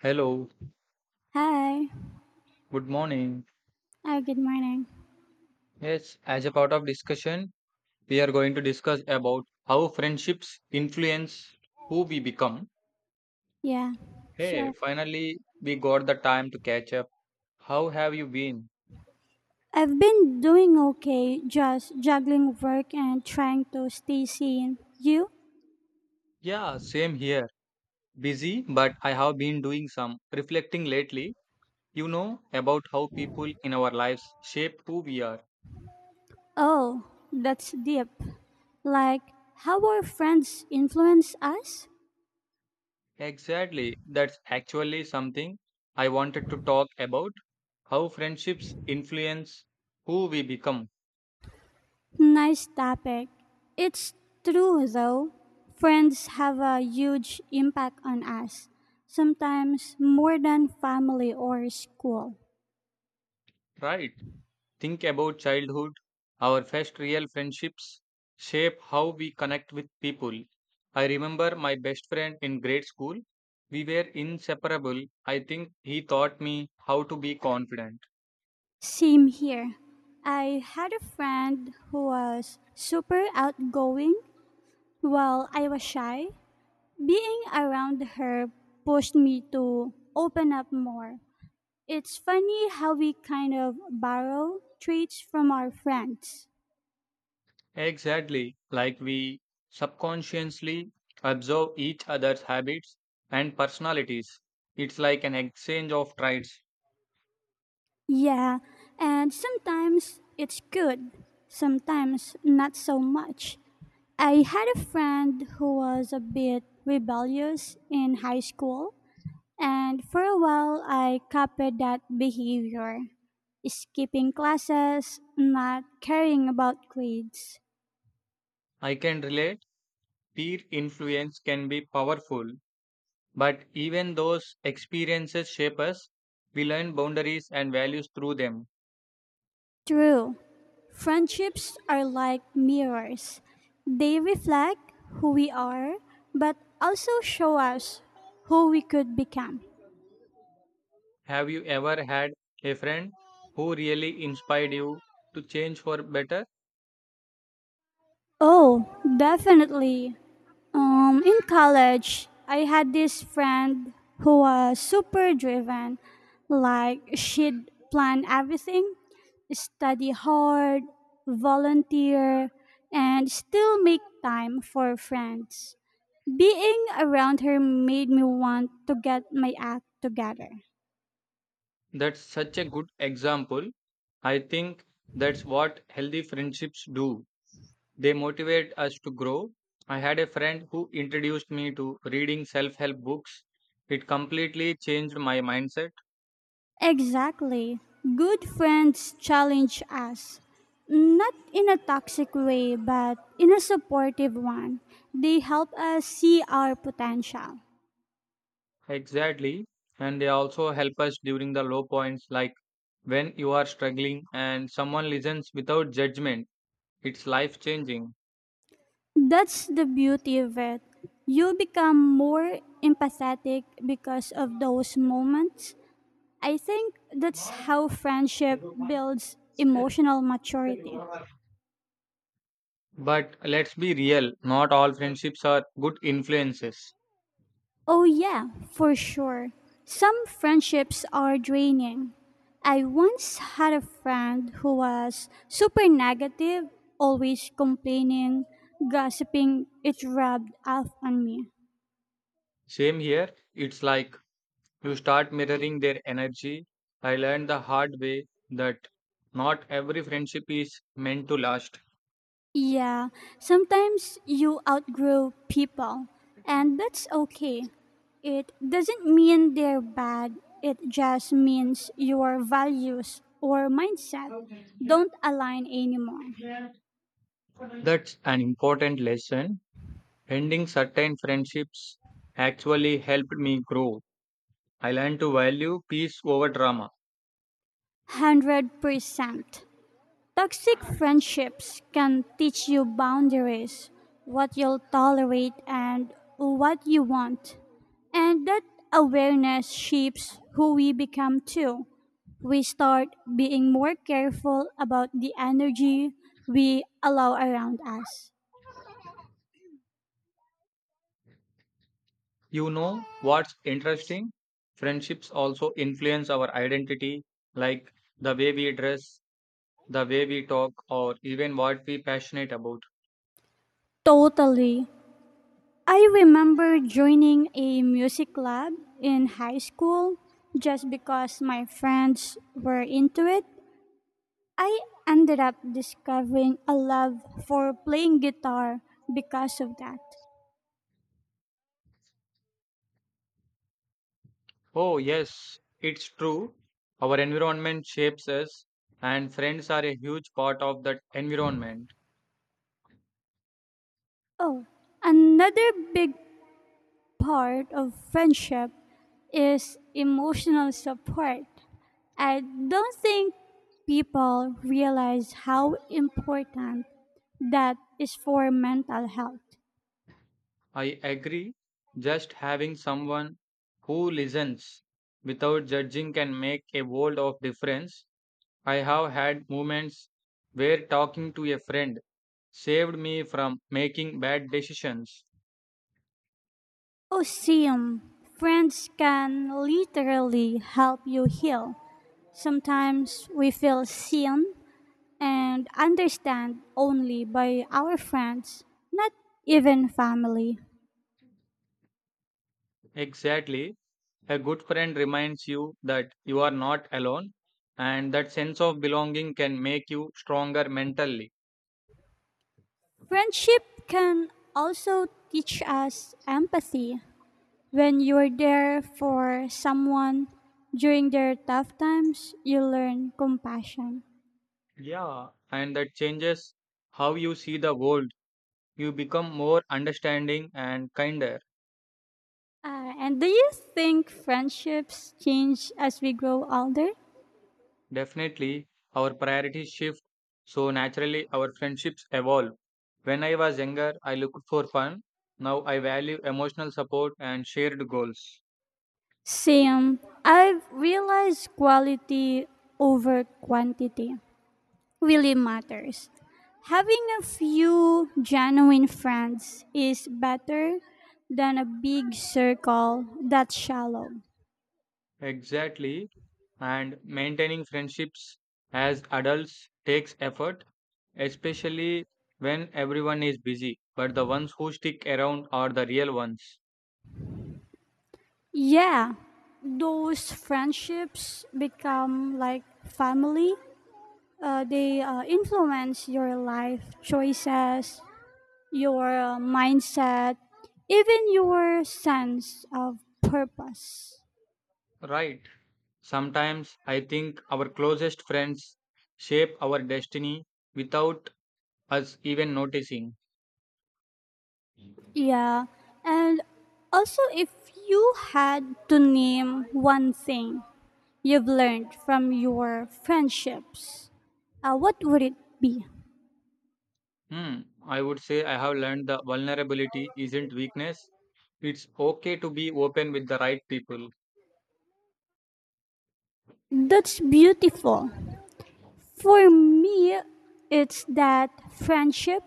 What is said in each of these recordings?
Hello, Hi. good morning. Oh, good morning. Yes, as a part of discussion, we are going to discuss about how friendships influence who we become. Yeah, Hey, sure. finally we got the time to catch up. How have you been? I've been doing okay, just juggling work and trying to stay sane. You? Yeah, same here. Busy, but I have been doing some reflecting lately. You know about how people in our lives shape who we are. Oh, that's deep. Like, how our friends influence us? Exactly. That's actually something I wanted to talk about. How friendships influence who we become, Nice topic. It's true, though. Friends have a huge impact on us, sometimes more than family or school. right? Think about childhood. Our first real friendships shape how we connect with people. I remember my best friend in grade school. We were inseparable. I think he taught me how to be confident. Same here. I had a friend who was super outgoing while I was shy. Being around her pushed me to open up more. It's funny how we kind of borrow traits from our friends. Exactly, like we subconsciously observe each other's habits and personalities. It's like an exchange of traits. Yeah, and sometimes it's good, sometimes not so much. I had a friend who was a bit rebellious in high school, and for a while, I copied that behavior, skipping classes, not caring about grades. I can relate. Peer influence can be powerful. But even those experiences shape us. We learn boundaries and values through them. True, friendships are like mirrors. They reflect who we are, but also show us who we could become. Have you ever had a friend who really inspired you to change for better? Oh, definitely. In college, I had this friend who was super driven. Like, she'd plan everything, study hard, volunteer, and still make time for friends. Being around her made me want to get my act together. That's such a good example. I think that's what healthy friendships do. They motivate us to grow. I had a friend who introduced me to reading self help books. It completely changed my mindset. Exactly. Good friends challenge us, not in a toxic way, but in a supportive one. They help us see our potential. Exactly. And they also help us during the low points, like when you are struggling and someone listens without judgment. It's life changing. That's the beauty of it. You become more empathetic because of those moments. I think that's how friendship builds emotional maturity. But let's be real, not all friendships are good influences. Oh, yeah, for sure. Some friendships are draining. I once had a friend who was super negative, always complaining, gossiping. It rubbed off on me. Same here, it's like you start mirroring their energy. I learned the hard way that not every friendship is meant to last. Yeah, sometimes you outgrow people, and that's okay. It doesn't mean they're bad, it just means your values or mindset don't align anymore. That's an important lesson. Ending certain friendships actually helped me grow. I learned to value peace over drama. 100%. Toxic friendships can teach you boundaries, what you'll tolerate, and what you want. And that awareness shapes who we become too. We start being more careful about the energy we allow around us. You know what's interesting? Friendships also influence our identity, like the way we dress, the way we talk, or even what we passionate about. Totally. I remember joining a music club in high school just because my friends were into it. I ended up discovering a love for playing guitar because of that. Oh, yes, it's true. Our environment shapes us, and friends are a huge part of that environment. Oh, another big part of friendship is emotional support. I don't think people realize how important that is for mental health. I agree. Just having someone who listens without judging can make a world of difference. I have had moments where talking to a friend saved me from making bad decisions. Oseum. Friends can literally help you heal. Sometimes we feel seen and understand only by our friends, not even family. Exactly. A good friend reminds you that you are not alone, and that sense of belonging can make you stronger mentally. Friendship can also teach us empathy. When you are there for someone during their tough times, you learn compassion. Yeah. And that changes how you see the world. You become more understanding and kinder. And do you think friendships change as we grow older? Definitely, our priorities shift, so naturally our friendships evolve. When I was younger, I looked for fun. Now I value emotional support and shared goals. Same. I've realized quality over quantity really matters. Having a few genuine friends is better than a big circle that's shallow. Exactly, and maintaining friendships as adults takes effort, especially when everyone is busy. But the ones who stick around are the real ones. Yeah, those friendships become like family. They influence your life choices, your mindset, even your sense of purpose. Right. Sometimes I think our closest friends shape our destiny without us even noticing. Yeah, and also if you had to name one thing you've learned from your friendships, what would it be? Hmm, I would say I have learned that vulnerability isn't weakness. It's okay to be open with the right people. That's beautiful. For me, it's that friendship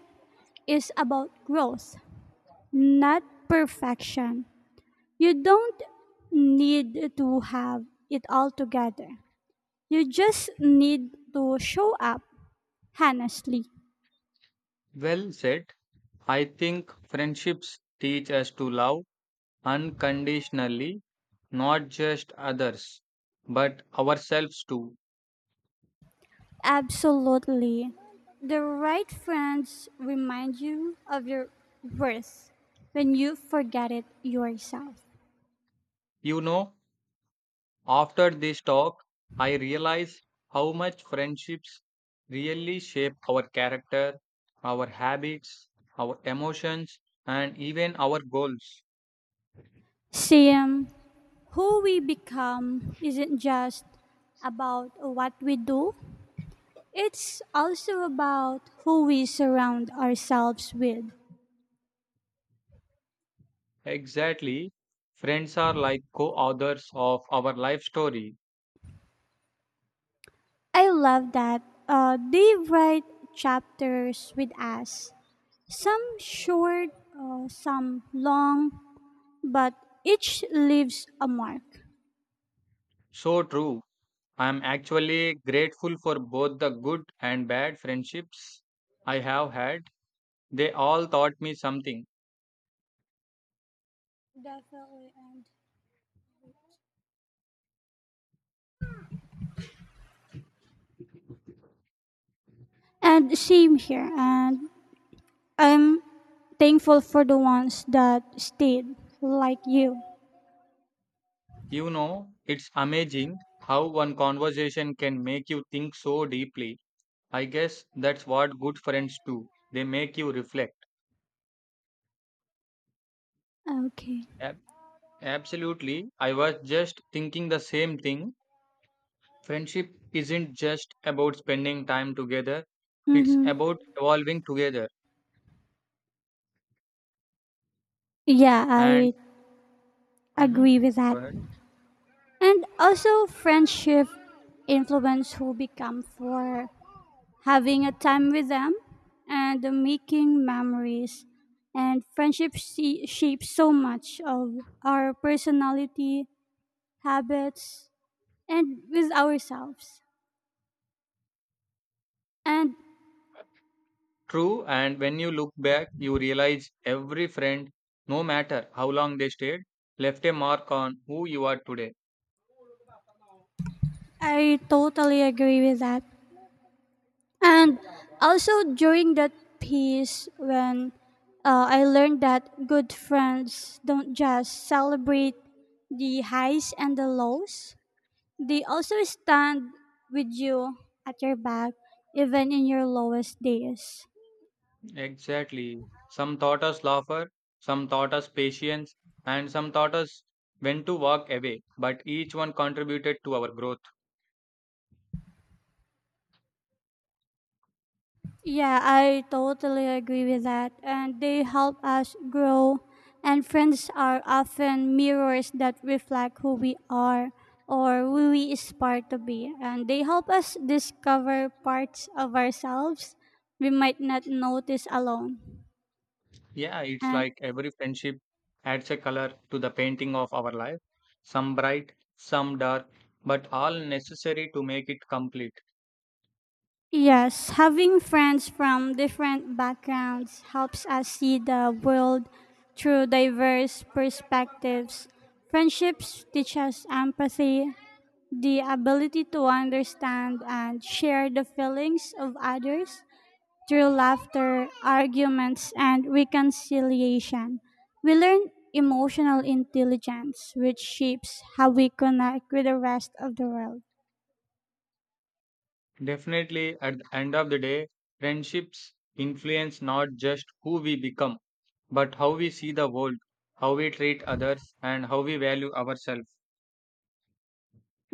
is about growth, not perfection. You don't need to have it all together. You just need to show up honestly. Well said. I think friendships teach us to love unconditionally, not just others, but ourselves too. Absolutely. The right friends remind you of your worth when you forget it yourself. You know, after this talk, I realize how much friendships really shape our character, our habits, our emotions, and even our goals. Sam, who we become isn't just about what we do, it's also about who we surround ourselves with. Exactly. Friends are like co authors of our life story. I love that. They write chapters with us, some short, some long, but each leaves a mark. So true. I am actually grateful for both the good and bad friendships I have had. They all taught me something. Definitely. And same here. And I'm thankful for the ones that stayed, like you. You know, it's amazing how one conversation can make you think so deeply. I guess that's what good friends do. They make you reflect. Okay. Ab- absolutely. I was just thinking the same thing. Friendship isn't just about spending time together, it's Mm-hmm. about evolving together. Yeah, And I hmm agree with that. go ahead. And also, friendship influence who become for having a time with them and the making memories. And friendship see, shapes so much of our personality, habits, and with ourselves. And True, and when you look back, you realize every friend, no matter how long they stayed, left a mark on who you are today. I totally agree with that. And also during that piece, when I learned that good friends don't just celebrate the highs and the lows, they also stand with you at your back, even in your lowest days. Exactly. Some taught us laughter, some taught us patience, and some taught us when to walk away. But each one contributed to our growth. Yeah, I totally agree with that. And they help us grow. And friends are often mirrors that reflect who we are or who we aspire to be. And they help us discover parts of ourselves we might not notice alone. Yeah, it's And like every friendship adds a color to the painting of our life, some bright, some dark, but all necessary to make it complete. yes, having friends from different backgrounds helps us see the world through diverse perspectives. Friendships teach us empathy, the ability to understand and share the feelings of others through laughter, arguments, and reconciliation. We learn emotional intelligence, which shapes how we connect with the rest of the world. Definitely, at the end of the day, friendships influence not just who we become, but how we see the world, how we treat others, and how we value ourselves.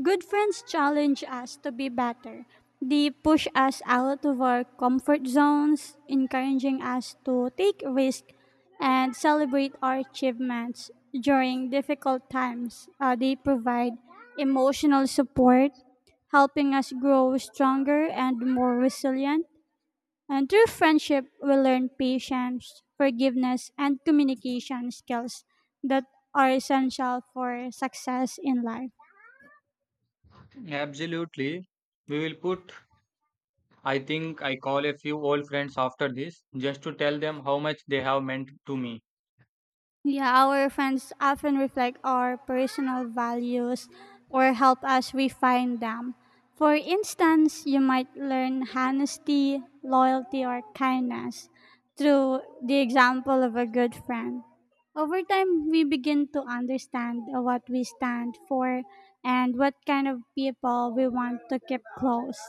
Good friends challenge us to be better. They push us out of our comfort zones, encouraging us to take risks and celebrate our achievements during difficult times. They provide emotional support, helping us grow stronger and more resilient. And through friendship, we learn patience, forgiveness, and communication skills that are essential for success in life. Absolutely. We will put, I think I call a few old friends after this just to tell them how much they have meant to me. Yeah, our friends often reflect our personal values or help us refine them. For instance, you might learn honesty, loyalty, or kindness through the example of a good friend. Over time, we begin to understand what we stand for and what kind of people we want to keep close.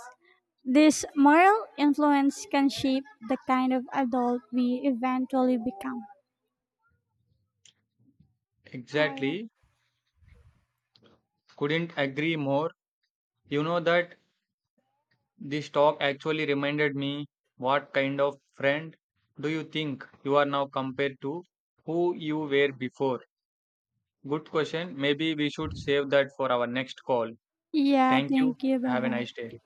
This moral influence can shape the kind of adult we eventually become. All. Exactly. Couldn't agree more. You know that this talk actually reminded me what kind of friend do you think you are now compared to who you were before? Good question. Maybe we should save that for our next call. Yeah, Thank you. thank you. Bye Have a bye. nice day.